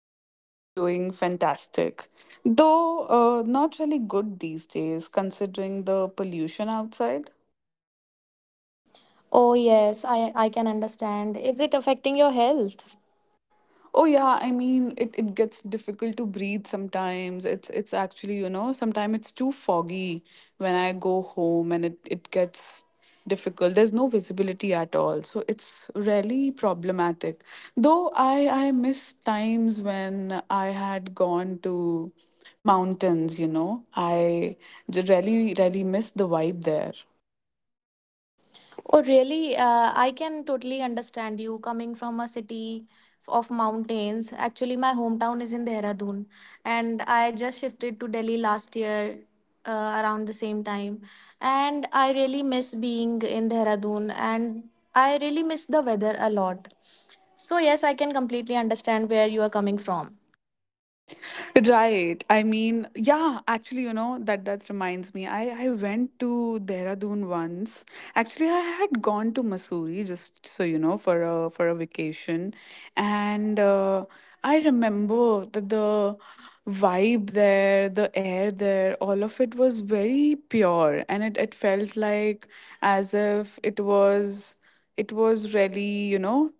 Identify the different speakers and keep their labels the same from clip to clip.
Speaker 1: absolutely doing fantastic. Though not really good these days, considering the pollution outside.
Speaker 2: Oh yes, I can understand. Is it affecting your health?
Speaker 1: Oh yeah, I mean it gets difficult to breathe sometimes. It's actually, you know, sometimes it's too foggy when I go home and it gets difficult. There's no visibility at all. So it's really problematic. Though I miss times when I had gone to mountains, you know. I really miss the vibe there.
Speaker 2: Oh really? I can totally understand you coming from a city of mountains. Actually, my hometown is in Dehradun, and I just shifted to Delhi last year. Around the same time, and I really miss being in Dehradun, and I really miss the weather a lot. So yes, I can completely understand where you are coming from.
Speaker 1: Right. I mean, yeah, actually, you know, that reminds me. I went to Dehradun once. Actually, I had gone to Mussoorie just so you know for a vacation, and I remember that the vibe there, the air there, all of it was very pure, and it felt like as if it was it was really you know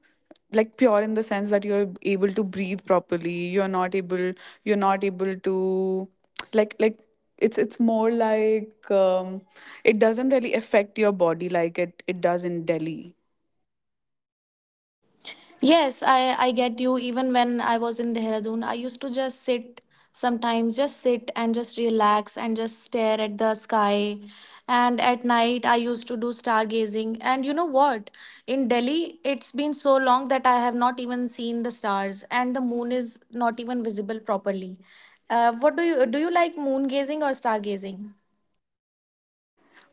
Speaker 1: like pure in the sense that you're able to breathe properly you're not able to like it's more like it doesn't really affect your body like it does in Delhi.
Speaker 2: Yes, I get you. Even when I was in Dehradun, I used to just sit sometimes, just sit and just relax and just stare at the sky. And at night, I used to do stargazing. And you know what? In Delhi, it's been so long that I have not even seen the stars, and the moon is not even visible properly. What do? You like moon gazing or stargazing?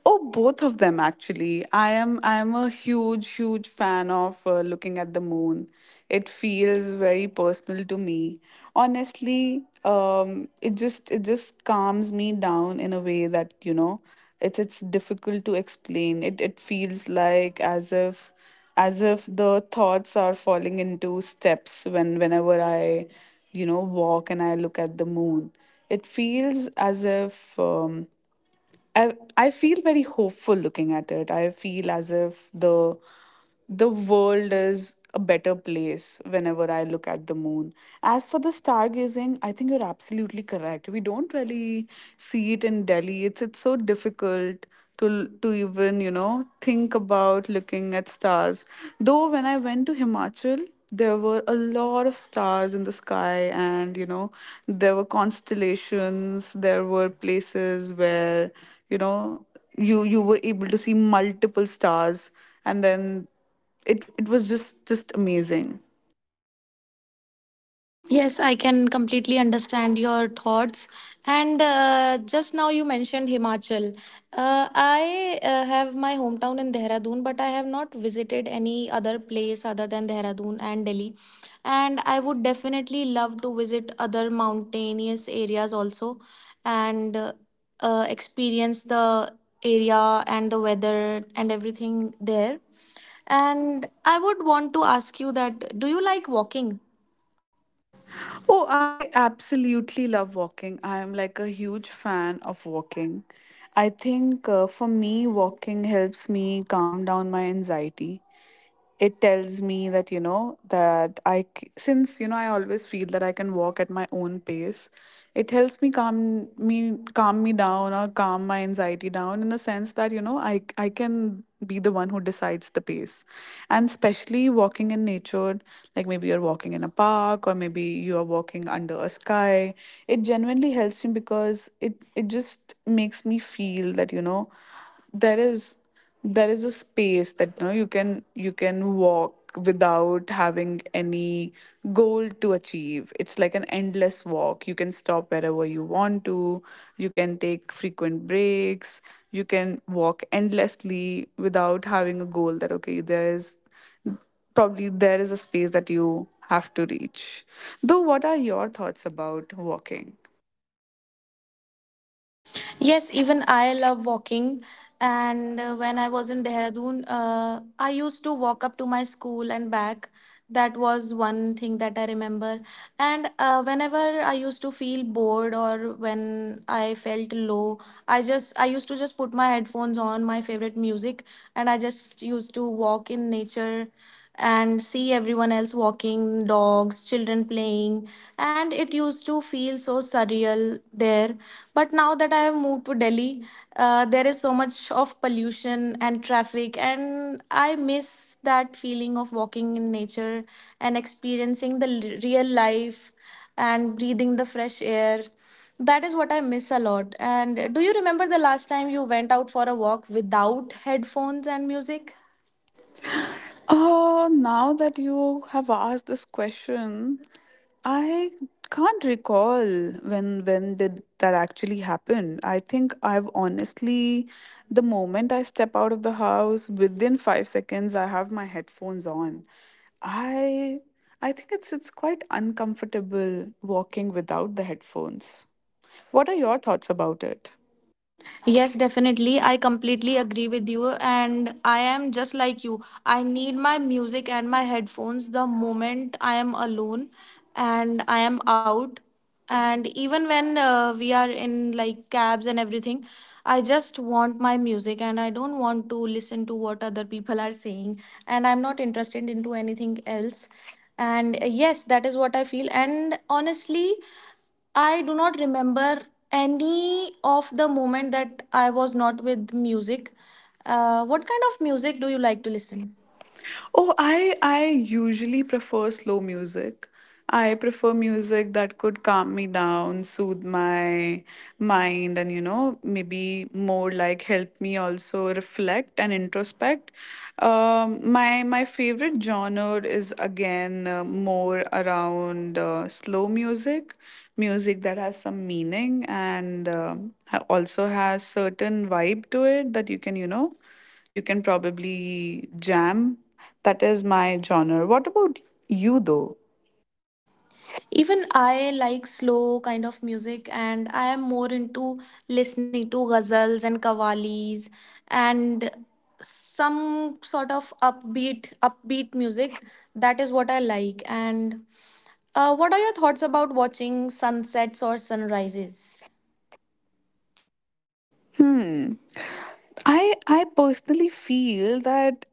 Speaker 1: Oh, both of them actually. I am a huge fan of looking at the moon. It feels very personal to me. Honestly, it just calms me down in a way that you know it's difficult to explain. It feels like as if the thoughts are falling into steps when whenever I you know walk and I look at the moon. It feels as if. I feel very hopeful looking at it. I feel as if the world is a better place whenever I look at the moon. As for the stargazing, I think you're absolutely correct. We don't really see it in Delhi. It's so difficult to even you know think about looking at stars though when I went to Himachal, there were a lot of stars in the sky, and you know there were constellations, there were places where you know you you were able to see multiple stars, and then it was just amazing.
Speaker 2: Yes, I can completely understand your thoughts. And just now you mentioned Himachal. I have my hometown in Dehradun, but I have not visited any other place other than Dehradun and Delhi. And I would definitely love to visit other mountainous areas also, and experience the area and the weather and everything there. And I would want to ask you that, do you like walking?
Speaker 1: Oh, I absolutely love walking. I am like a huge fan of walking. I think for me, walking helps me calm down my anxiety. It tells me that you know that since you know I always feel that I can walk at my own pace. It helps me calm me down or calm my anxiety down in the sense that you know I can be the one who decides the pace. And especially walking in nature, like maybe you're walking in a park or maybe you are walking under a sky, it genuinely helps me because it just makes me feel that you know there is there is a space that you know you can walk without having any goal to achieve. It's like an endless walk, you can stop wherever you want to, you can take frequent breaks, you can walk endlessly without having a goal that okay there is probably there is a space that you have to reach. Though what are your thoughts about walking?
Speaker 2: Yes, even I love walking. And when I was in Dehradun, I used to walk up to my school and back. That was one thing that I remember. And whenever I used to feel bored or when I felt low, I used to just put my headphones on my favorite music, and I just used to walk in nature and see everyone else walking, dogs, children playing. And it used to feel so surreal there. But now that I have moved to Delhi, there is so much of pollution and traffic, and I miss that feeling of walking in nature and experiencing the real life and breathing the fresh air. That is what I miss a lot. And do you remember the last time you went out for a walk without headphones and music?
Speaker 1: Now that you have asked this question, I can't recall when did that actually happen. I think I've honestly, the moment I step out of the house within 5 seconds I have my headphones on. I I think it's quite uncomfortable walking without the headphones. What are your thoughts about it?
Speaker 2: Yes, definitely. I completely agree with you. And I am just like you. I need my music and my headphones the moment I am alone and I am out. And even when we are in like cabs and everything, I just want my music and I don't want to listen to what other people are saying. And I'm not interested into anything else. And yes, that is what I feel. And honestly, I do not remember any of the moment that I was not with music. What kind of music do you like to listen?
Speaker 1: Oh, I usually prefer slow music. I prefer music that could calm me down, soothe my mind, and you know, maybe more like help me also reflect and introspect. My favorite genre is again more around slow music, music that has some meaning and also has certain vibe to it that you can you know you can probably jam. That is my genre. What about you, though?
Speaker 2: Even I like slow kind of music, and I am more into listening to ghazals and qawwalis, and some sort of upbeat music. That is what I like. And what are your thoughts about watching sunsets or sunrises?
Speaker 1: Hmm. I personally feel that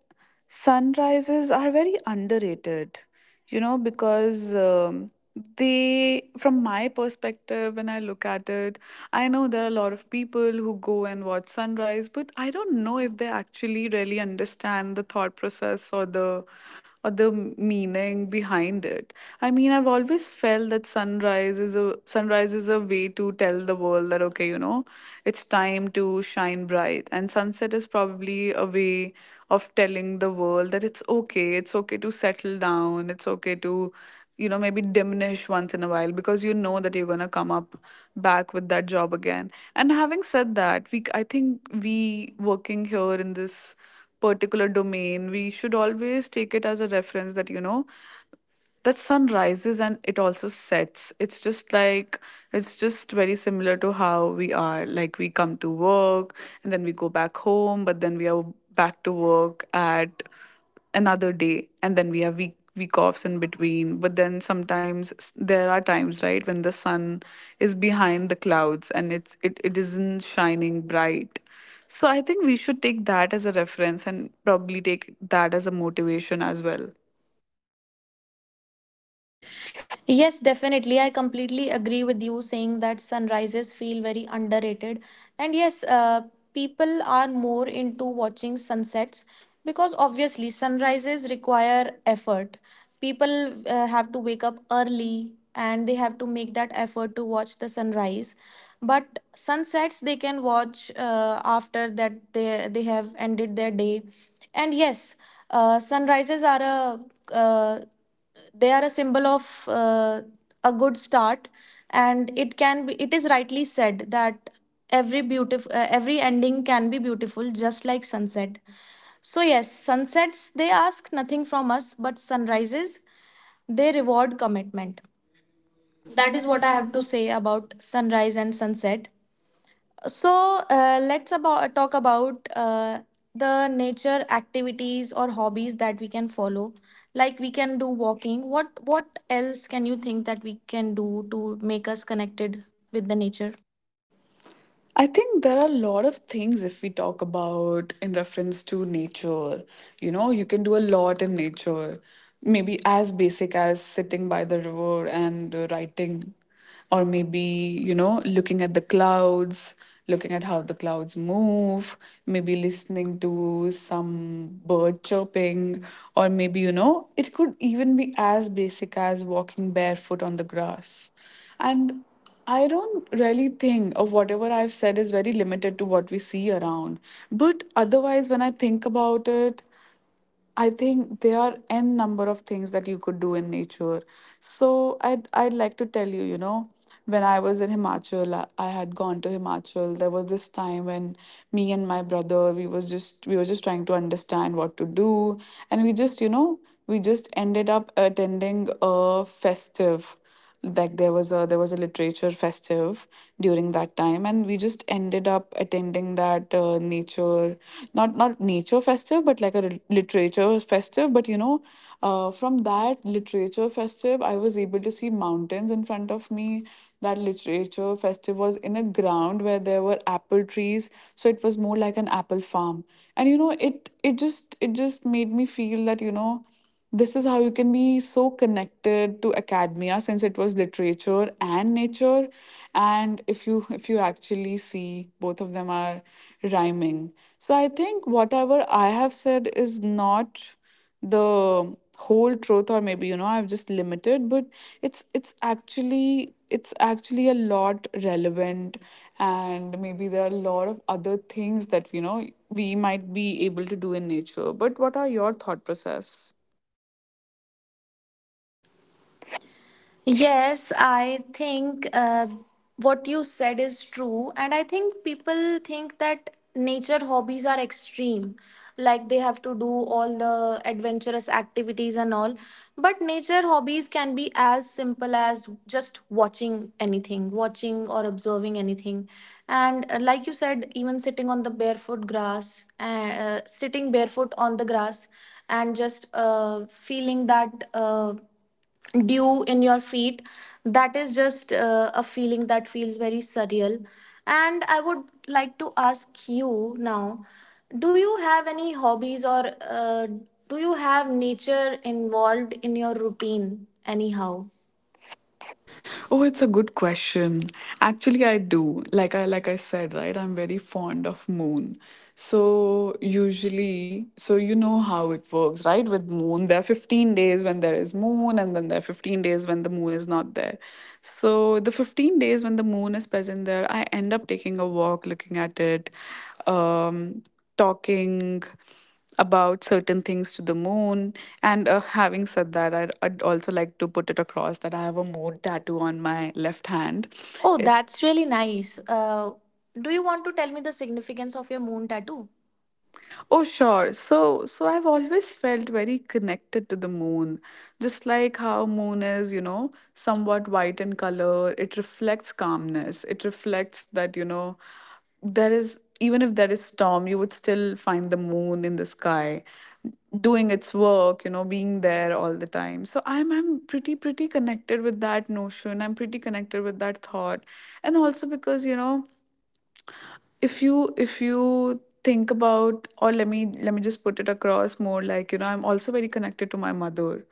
Speaker 1: sunrises are very underrated. You know, because they, from my perspective, when I look at it, I know there are a lot of people who go and watch sunrise, but I don't know if they actually really understand the thought process or the meaning behind it. I mean, I've always felt that sunrise is a way to tell the world that okay, you know it's time to shine bright. And sunset is probably a way of telling the world that it's okay. It's okay to settle down. It's okay to, you know, maybe diminish once in a while because you know that you're going to come up back with that job again. And having said that, we I think we working here in this particular domain, we should always take it as a reference that, you know, that sun rises and it also sets. It's just like it's just very similar to how we are, like we come to work and then we go back home, but then we are back to work at another day, and then we have week offs in between, but then sometimes there are times, right, when the sun is behind the clouds and it isn't shining bright. So I think we should take that as a reference and probably take that as a motivation as well.
Speaker 2: Yes, definitely. I completely agree with you saying that sunrises feel very underrated. And yes, people are more into watching sunsets because obviously sunrises require effort. People have to wake up early and they have to make that effort to watch the sunrise. But sunsets, they can watch after that, they have ended their day. And yes, sunrises are a uh, they are a symbol of a good start. And it can be, it is rightly said that every beautiful every ending can be beautiful, just like sunset. So yes, sunsets they ask nothing from us, but sunrises, they reward commitment. That is what I have to say about sunrise and sunset. So let's about talk about the nature activities or hobbies that we can follow. Like we can do walking. What else can you think that we can do to make us connected with the nature?
Speaker 1: I think there are a lot of things if we talk about in reference to nature. You know, you can do a lot in nature, maybe as basic as sitting by the river and writing, or maybe, you know, looking at the clouds, looking at how the clouds move, maybe listening to some bird chirping, or maybe, you know, it could even be as basic as walking barefoot on the grass. And I don't really think of whatever I've said is very limited to what we see around. But otherwise, when I think about it, I think there are n number of things that you could do in nature. So I'd like to tell you, you know, when I was in Himachal, I had gone to Himachal. There was this time when me and my brother, we were just trying to understand what to do, and we just, you know, we just ended up attending a festive, like there was a literature festive during that time, and we just ended up attending that nature, not nature festive but like a literature festive, but you know from that literature festive I was able to see mountains in front of me. That literature festive was in a ground where there were apple trees, so it was more like an apple farm. And you know it just it just made me feel that you know this is how you can be so connected to academia since it was literature and nature. And if you actually see, both of them are rhyming. So I think whatever I have said is not the whole truth, or maybe you know I've just limited, but it's actually it's actually a lot relevant. And maybe there are a lot of other things that you know we might be able to do in nature, but what are your thought process?
Speaker 2: Yes, I think what you said is true. And I think people think that nature hobbies are extreme, like they have to do all the adventurous activities and all. But nature hobbies can be as simple as just watching anything, watching or observing anything. And like you said, even sitting on the barefoot grass, sitting barefoot on the grass, and just feeling that. Dew in your feet, that is just a feeling that feels very surreal. And I would like to ask you now, do you have any hobbies, or uh, do you have nature involved in your routine anyhow?
Speaker 1: Oh, it's a good question. Actually, I do. Like I said, right? I'm very fond of moon. So usually, so you know how it works, right? With moon, there are 15 days when there is moon, and then there are 15 days when the moon is not there. So the 15 days when the moon is present there, I end up taking a walk, looking at it, um, talking about certain things to the moon. And having said that, I'd also like to put it across that I have a moon tattoo on my left hand.
Speaker 2: Oh,
Speaker 1: Oh,
Speaker 2: that's
Speaker 1: that's
Speaker 2: really
Speaker 1: really
Speaker 2: nice.
Speaker 1: nice.
Speaker 2: Do you want to tell me the significance of your moon tattoo?
Speaker 1: Oh, sure. So, so I've always felt very connected to the moon, just like how moon is, you know, somewhat white in color. It reflects calmness. It reflects that, you know, there is even if there is storm, you would still find the moon in the sky doing its work, you know, being there all the time. So I'm pretty connected with that notion. I'm pretty connected with that thought. And also because, you know, if you think about or let me just put it across more like, you know, I'm also very connected to my mother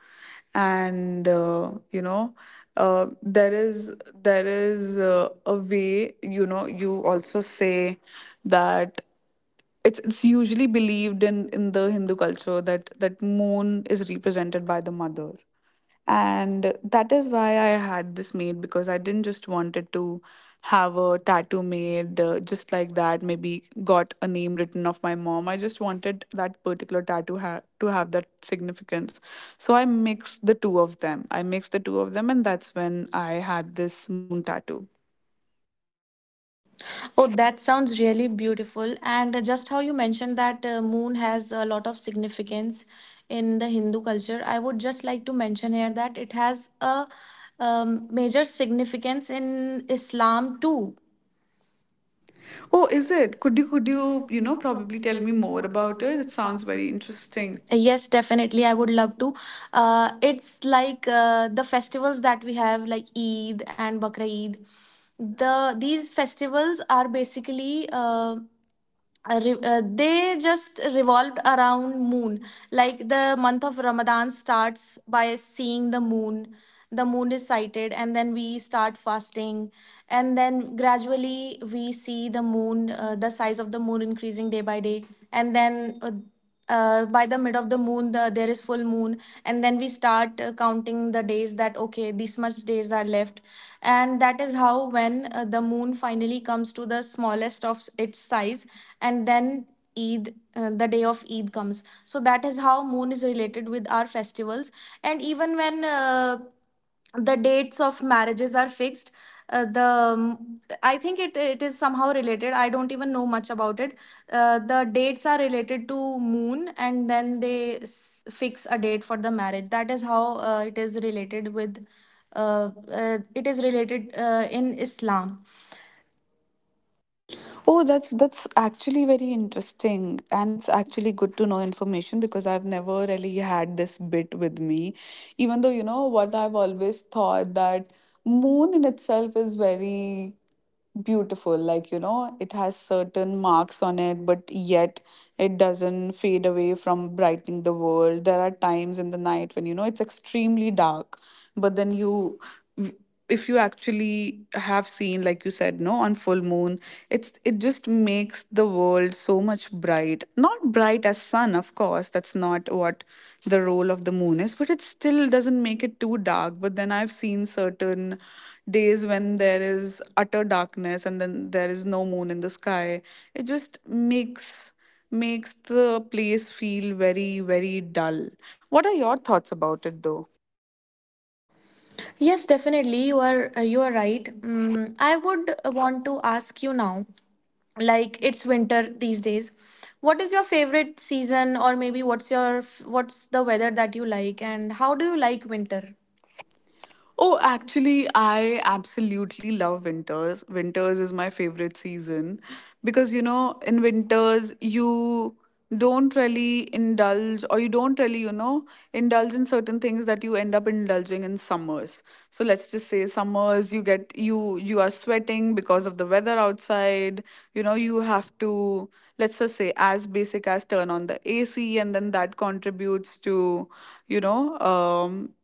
Speaker 1: and there is there is a way, you know, you also say that it's usually believed in the Hindu culture that moon is represented by the mother. And that is why I had this made, because I didn't just wanted to have a tattoo made just like that, maybe got a name written of my mom. I just wanted that particular to have that significance. So I mixed the two of them, I mixed the two of them, and that's when I had this moon tattoo.
Speaker 2: Oh, that sounds really beautiful. And just how you mentioned that moon has a lot of significance in the Hindu culture, I would just like to mention here that it has a major significance in Islam too.
Speaker 1: Oh, is it? Could you, you know, probably tell me more about it? It sounds very interesting.
Speaker 2: Yes, definitely. I would love to. It's like the festivals that we have, like Eid and Bakra Eid. These festivals are basically. They just revolved around moon. Like the month of Ramadan starts by seeing the moon. The moon is sighted and then we start fasting. And then gradually we see the moon, the size of the moon increasing day by day. And then by the mid of the moon, there is full moon. And then we start counting the days, that okay, these much days are left. And that is how, when the moon finally comes to the smallest of its size, and then Eid, the day of Eid comes. So that is how moon is related with our festivals. And even when the dates of marriages are fixed, the I think it, it is somehow related. I don't even know much about it. The dates are related to moon, and then they fix a date for the marriage. That is how it is related with uh, it is related in Islam.
Speaker 1: Oh, that's actually very interesting, and it's actually good to know information because I've never really had this bit with me. Even though, you know what, I've always thought that moon in itself is very beautiful, like, you know, it has certain marks on it, but yet it doesn't fade away from brightening the world. There are times in the night when, you know, it's extremely dark, but then you, if you actually have seen, like you said, no, on full moon, it's it just makes the world so much bright. Not bright as sun, of course, that's not what the role of the moon is, but it still doesn't make it too dark. But then I've seen certain days when there is utter darkness and then there is no moon in the sky. It just makes makes the place feel very, very dull. What are your thoughts about it though?
Speaker 2: Yes, definitely you are right. Mm, I would want to ask you now, like it's winter these days, what is your favorite season, or maybe what's your, what's the weather that you like, and how do you like winter?
Speaker 1: Oh, actually, I absolutely love winters. Winters is my favorite season because, you know, in winters, you don't really indulge or you don't really, you know, indulge in certain things that you end up indulging in summers. So let's just say summers, you get you are sweating because of the weather outside. You know, you have to, let's just say, as basic as turn on the AC, and then that contributes to, you know,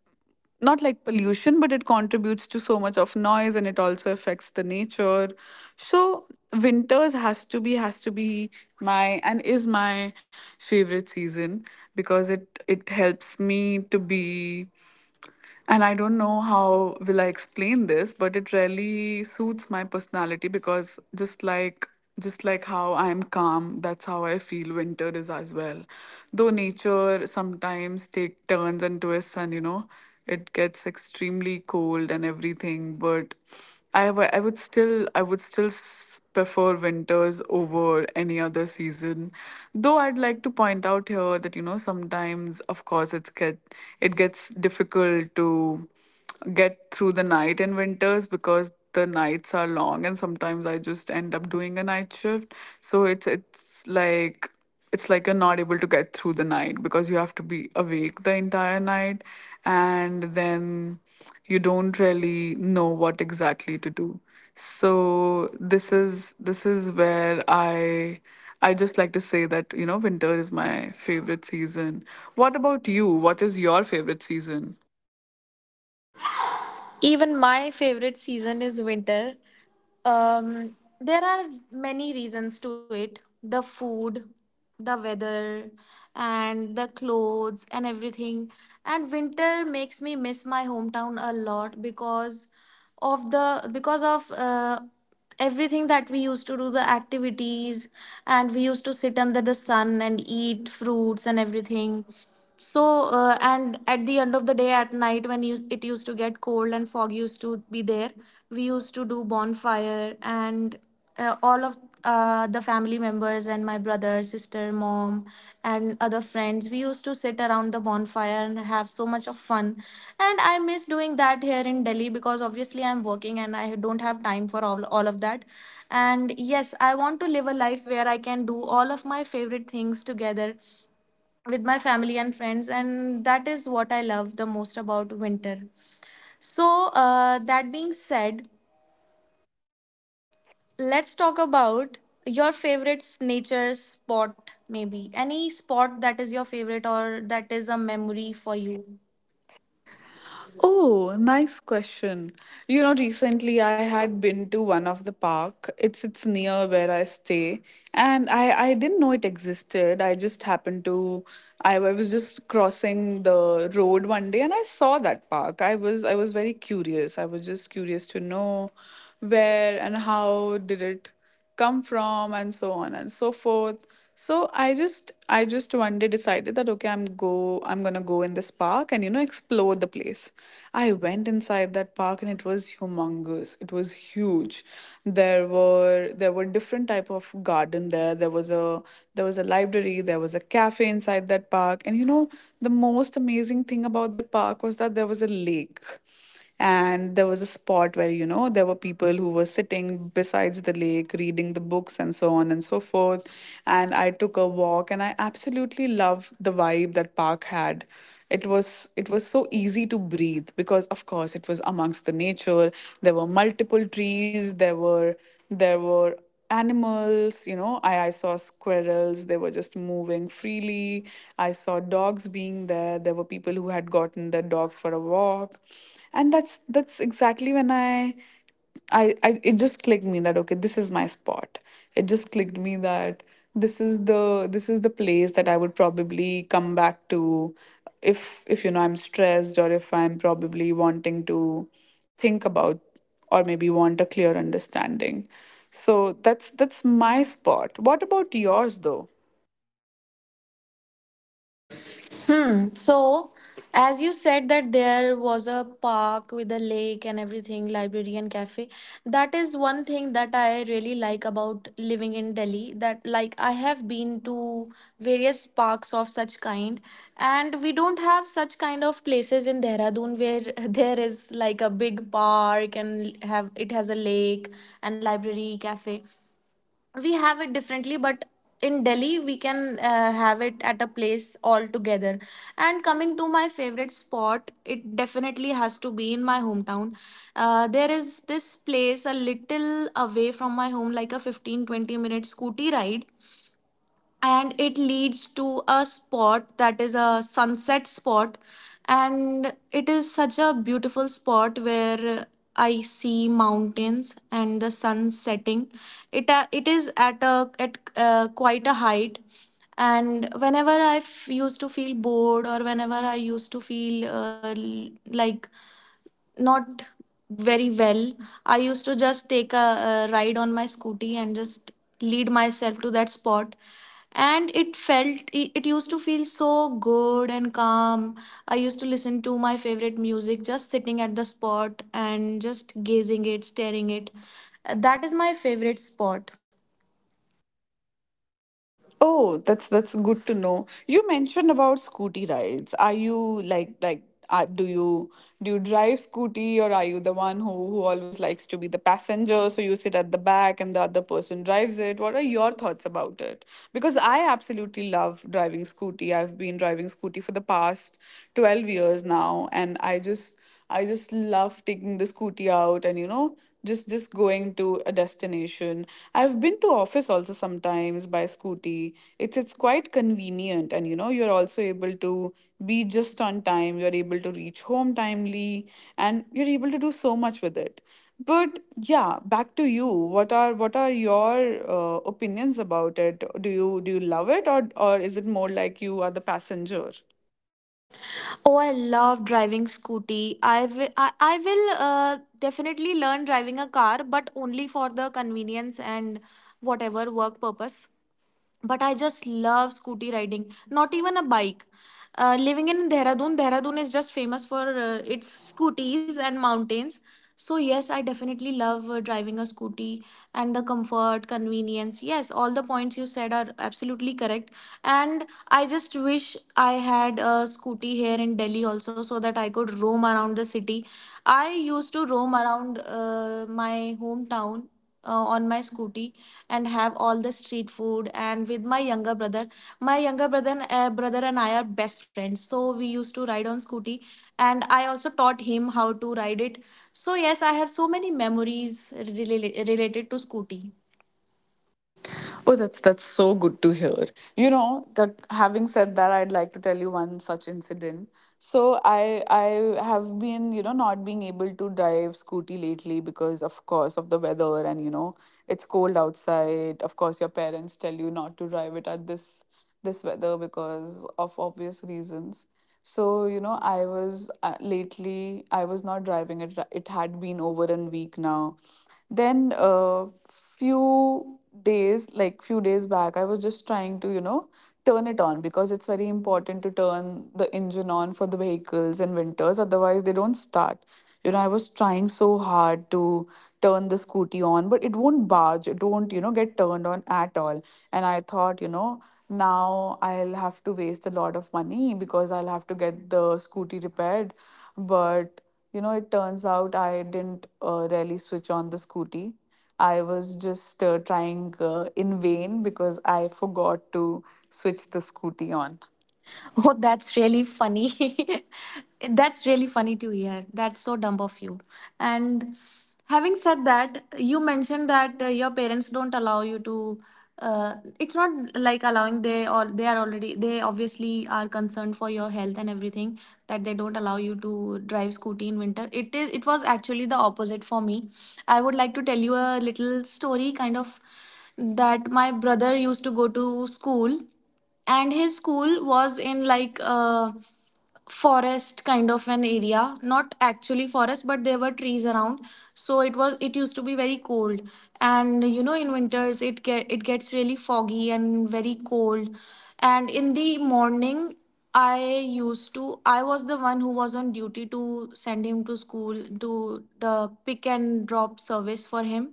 Speaker 1: not like pollution, but it contributes to so much of noise, and it also affects the nature. So winters has to be, has to be my, and is my favorite season, because it helps me to be, and I don't know how will I explain this, but it really suits my personality, because just like how I'm calm, that's how I feel winter is as well. Though nature sometimes take turns and twists, and, you know, it gets extremely cold and everything, but I would still prefer winters over any other season. Though I'd like to point out here that, you know, sometimes, of course, it's get it gets difficult to get through the night in winters, because the nights are long, and sometimes I just end up doing a night shift. So it's like you're not able to get through the night, because you have to be awake the entire night, and then you don't really know what exactly to do. So this is where I just like to say that, you know, winter is my favorite season. What about you? What is your favorite season?
Speaker 2: Even my favorite season is winter. Um, there are many reasons to it: the food, the weather, and the clothes and everything. And winter makes me miss my hometown a lot because of everything that we used to do, the activities. And we used to sit under the sun and eat fruits and everything. So and at the end of the day at night when you, it used to get cold and fog used to be there, we used to do bonfire. And all of the family members and my brother, sister, mom, and other friends. We used to sit around the bonfire and have so much of fun. And I miss doing that here in Delhi, because obviously I'm working and I don't have time for all of that. And yes, I want to live a life where I can do all of my favorite things together with my family and friends. And that is what I love the most about winter. So, that being said, let's talk about your favorite nature spot, maybe. Any spot that is your favorite or that is a memory for you.
Speaker 1: Oh, nice question. You know, recently I had been to one of the park. It's near where I stay, and I didn't know it existed. I just happened to, I was just crossing the road one day and I saw that park. I was very curious. I was just curious to know where and how did it come from and so on and so forth. So I just one day decided that, okay, I'm gonna go in this park and, you know, explore the place. I went inside that park, and it was humongous. It was huge. There were different type of garden there. There was a library, there was a cafe inside that park, and, you know, the most amazing thing about that park was that there was a lake. And there was a spot where, you know, there were people who were sitting besides the lake reading the books and so on and so forth. And I took a walk and I absolutely loved the vibe that park had. It was it was so easy to breathe because, of course, it was amongst the nature. There were multiple trees. There were animals, you know, I saw squirrels, they were just moving freely. I saw dogs being there. There were people who had gotten their dogs for a walk. And that's exactly when I it just clicked me that, okay, this is my spot. It just clicked me that this is the, this is the place that I would probably come back to if, you know, I'm stressed, or if I'm probably wanting to think about, or maybe want a clear understanding. So that's my spot. What about yours though?
Speaker 2: Hmm. So, as you said that there was a park with a lake and everything, library and cafe. That is one thing that I really like about living in Delhi. That like I have been to various parks of such kind, and we don't have such kind of places in Dehradun where there is like a big park and have it has a lake and library, cafe. We have it differently, but in Delhi we can have it at a place altogether. And coming to my favorite spot, it definitely has to be in my hometown. There is this place a little away from my home, like a fifteen twenty 20-minute scooty ride, and it leads to a spot that is a sunset spot. And it is such a beautiful spot where I see mountains and the sun setting. It it is at a at quite a height. And whenever I used to feel bored, or whenever I used to feel like not very well, I used to just take a, ride on my scooty and just lead myself to that spot. And it felt, it used to feel so good and calm. I used to listen to my favorite music, just sitting at the spot and just gazing it, staring it. That is my favorite spot.
Speaker 1: Oh, that's good to know. You mentioned about scooty rides. Are you like are, do you drive scooty, or are you the one who always likes to be the passenger, so you sit at the back and the other person drives it? What are your thoughts about it? Because I absolutely love driving scooty. I've been driving scooty for the past 12 years now, and I just love taking the scooty out and, you know, just going to a destination. I've been to office also sometimes by scooty. It's quite convenient, and, you know, you're also able to be just on time. You're able to reach home timely, and you're able to do so much with it. But yeah, back to you. What are your opinions about it? Do you love it, or is it more like you are the passenger?
Speaker 2: Oh, I love driving scooty. I will definitely learn driving a car, but only for the convenience and whatever work purpose, but I just love scooty riding, not even a bike. Living in Dehradun, Dehradun is just famous for its scooties and mountains. So, yes, I definitely love driving a scooty and the comfort, convenience. Yes, all the points you said are absolutely correct. And I just wish I had a scooty here in Delhi also so that I could roam around the city. I used to roam around my hometown on my scooty and have all the street food and with my younger brother, brother and I are best friends, so we used to ride on scooty, and I also taught him how to ride it. So yes, I have so many memories related to scooty.
Speaker 1: Oh, that's so good to hear. You know, the, having said that, I'd like to tell you one such incident. So I have been, you know, not being able to drive scooty lately, because of course of the weather, and, you know, it's cold outside. Of course, your parents tell you not to drive it at this this weather because of obvious reasons. So, you know, I was lately I was not driving it. It had been over a week now. Then few days, like few days back, I was just trying to, you know, turn it on, because it's very important to turn the engine on for the vehicles in winters, otherwise, they don't start. You know, I was trying so hard to turn the scooty on, but it won't barge, it won't, you know, get turned on at all. And I thought, you know, now I'll have to waste a lot of money, because I'll have to get the scooty repaired. But, you know, it turns out I didn't really switch on the scooty. I was just trying in vain because I forgot to switch the scooty on.
Speaker 2: Oh, that's really funny. That's really funny to hear. That's so dumb of you. And having said that, you mentioned that your parents don't allow you to. It's not like allowing, they or they are already, they obviously are concerned for your health and everything, that they don't allow you to drive scooty in winter. It is it was actually the opposite for me. I would like to tell you a little story, kind of, that my brother used to go to school, and his school was in like a forest kind of an area, not actually forest, but there were trees around. So it was, it used to be very cold, and you know, in winters it gets really foggy and very cold. And in the morning, I used to I was the one who was on duty to send him to school, to the pick and drop service for him.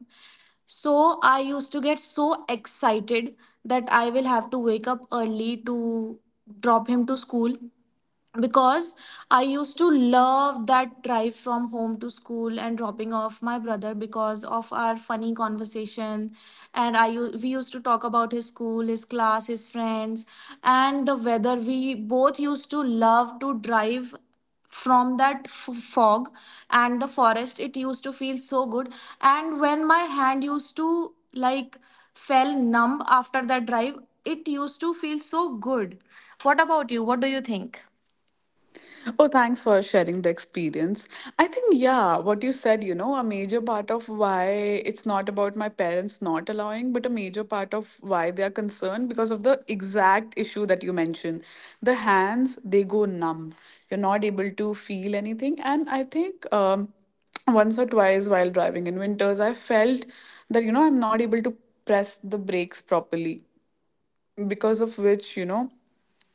Speaker 2: So I used to get so excited that I will have to wake up early to drop him to school, because I used to love that drive from home to school and dropping off my brother because of our funny conversation. And we used to talk about his school, his class, his friends, and the weather. We both used to love to drive from that fog and the forest. It used to feel so good. And when my hand used to like fell numb after that drive, it used to feel so good. What about you? What do you think?
Speaker 1: Oh, thanks for sharing the experience. I think, yeah, what you said, you know, a major part of why, it's not about my parents not allowing, but a major part of why they are concerned because of the exact issue that you mentioned. The hands, they go numb. You're not able to feel anything. And I think once or twice while driving in winters, I felt that, you know, I'm not able to press the brakes properly, because of which, you know,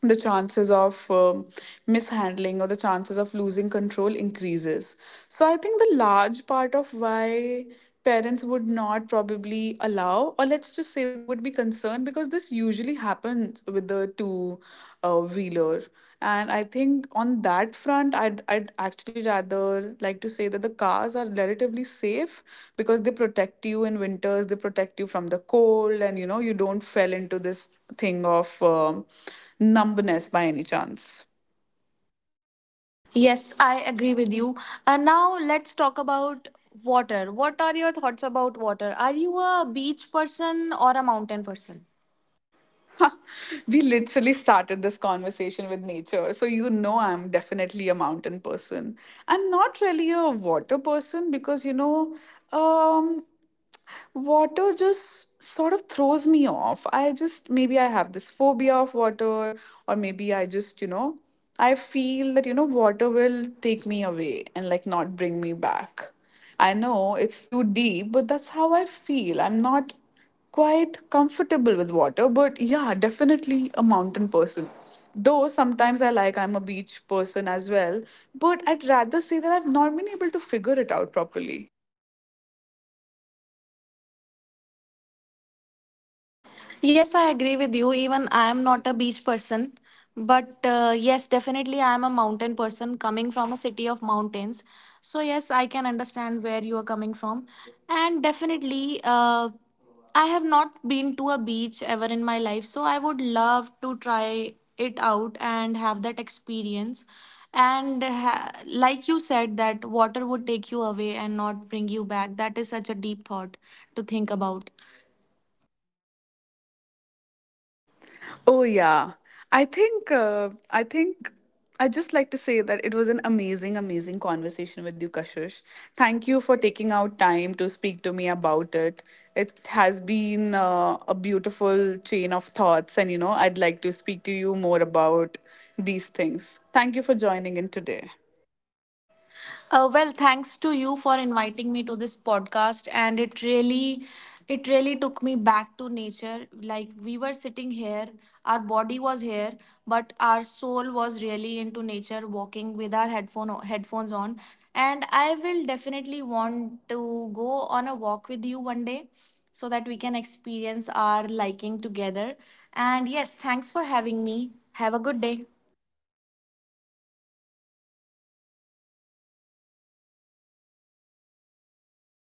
Speaker 1: the chances of mishandling, or the chances of losing control increases. So I think the large part of why parents would not probably allow, or let's just say they would be concerned, because this usually happens with the two wheeler. And I think on that front, I'd actually rather like to say that the cars are relatively safe, because they protect you in winters, they protect you from the cold, and, you know, you don't fell into this thing of numbness by any chance.
Speaker 2: Yes, I agree with you. And now let's talk about water. What are your thoughts about water? Are you a beach person or a mountain person?
Speaker 1: We literally started this conversation with nature. So, you know, I'm definitely a mountain person. I'm not really a water person because, you know, um, water just sort of throws me off. I just, maybe I have this phobia of water, or maybe I just, you know, I feel that, you know, water will take me away and like not bring me back. I know it's too deep, but that's how I feel. I'm not quite comfortable with water, but yeah, definitely a mountain person. Though sometimes I like I'm a beach person as well, but I'd rather say that I've not been able to figure it out properly.
Speaker 2: Yes, I agree with you. Even I am not a beach person, but yes, definitely I am a mountain person, coming from a city of mountains. So, yes, I can understand where you are coming from. And definitely, I have not been to a beach ever in my life. So, I would love to try it out and have that experience. And like you said, that water would take you away and not bring you back. That is such a deep thought to think about.
Speaker 1: Oh yeah. I think I think I just like to say that it was an amazing amazing conversation with you, Kashish. Thank you for taking out time to speak to me about it. It has been a beautiful chain of thoughts, and, you know, I'd like to speak to you more about these things. Thank you for joining in today.
Speaker 2: Well, thanks to you for inviting me to this podcast, and it really took me back to nature. Like we were sitting here, our body was here, but our soul was really into nature, walking with our headphones on. And I will definitely want to go on a walk with you one day, so that we can experience our liking together. And yes, thanks for having me. Have a good day.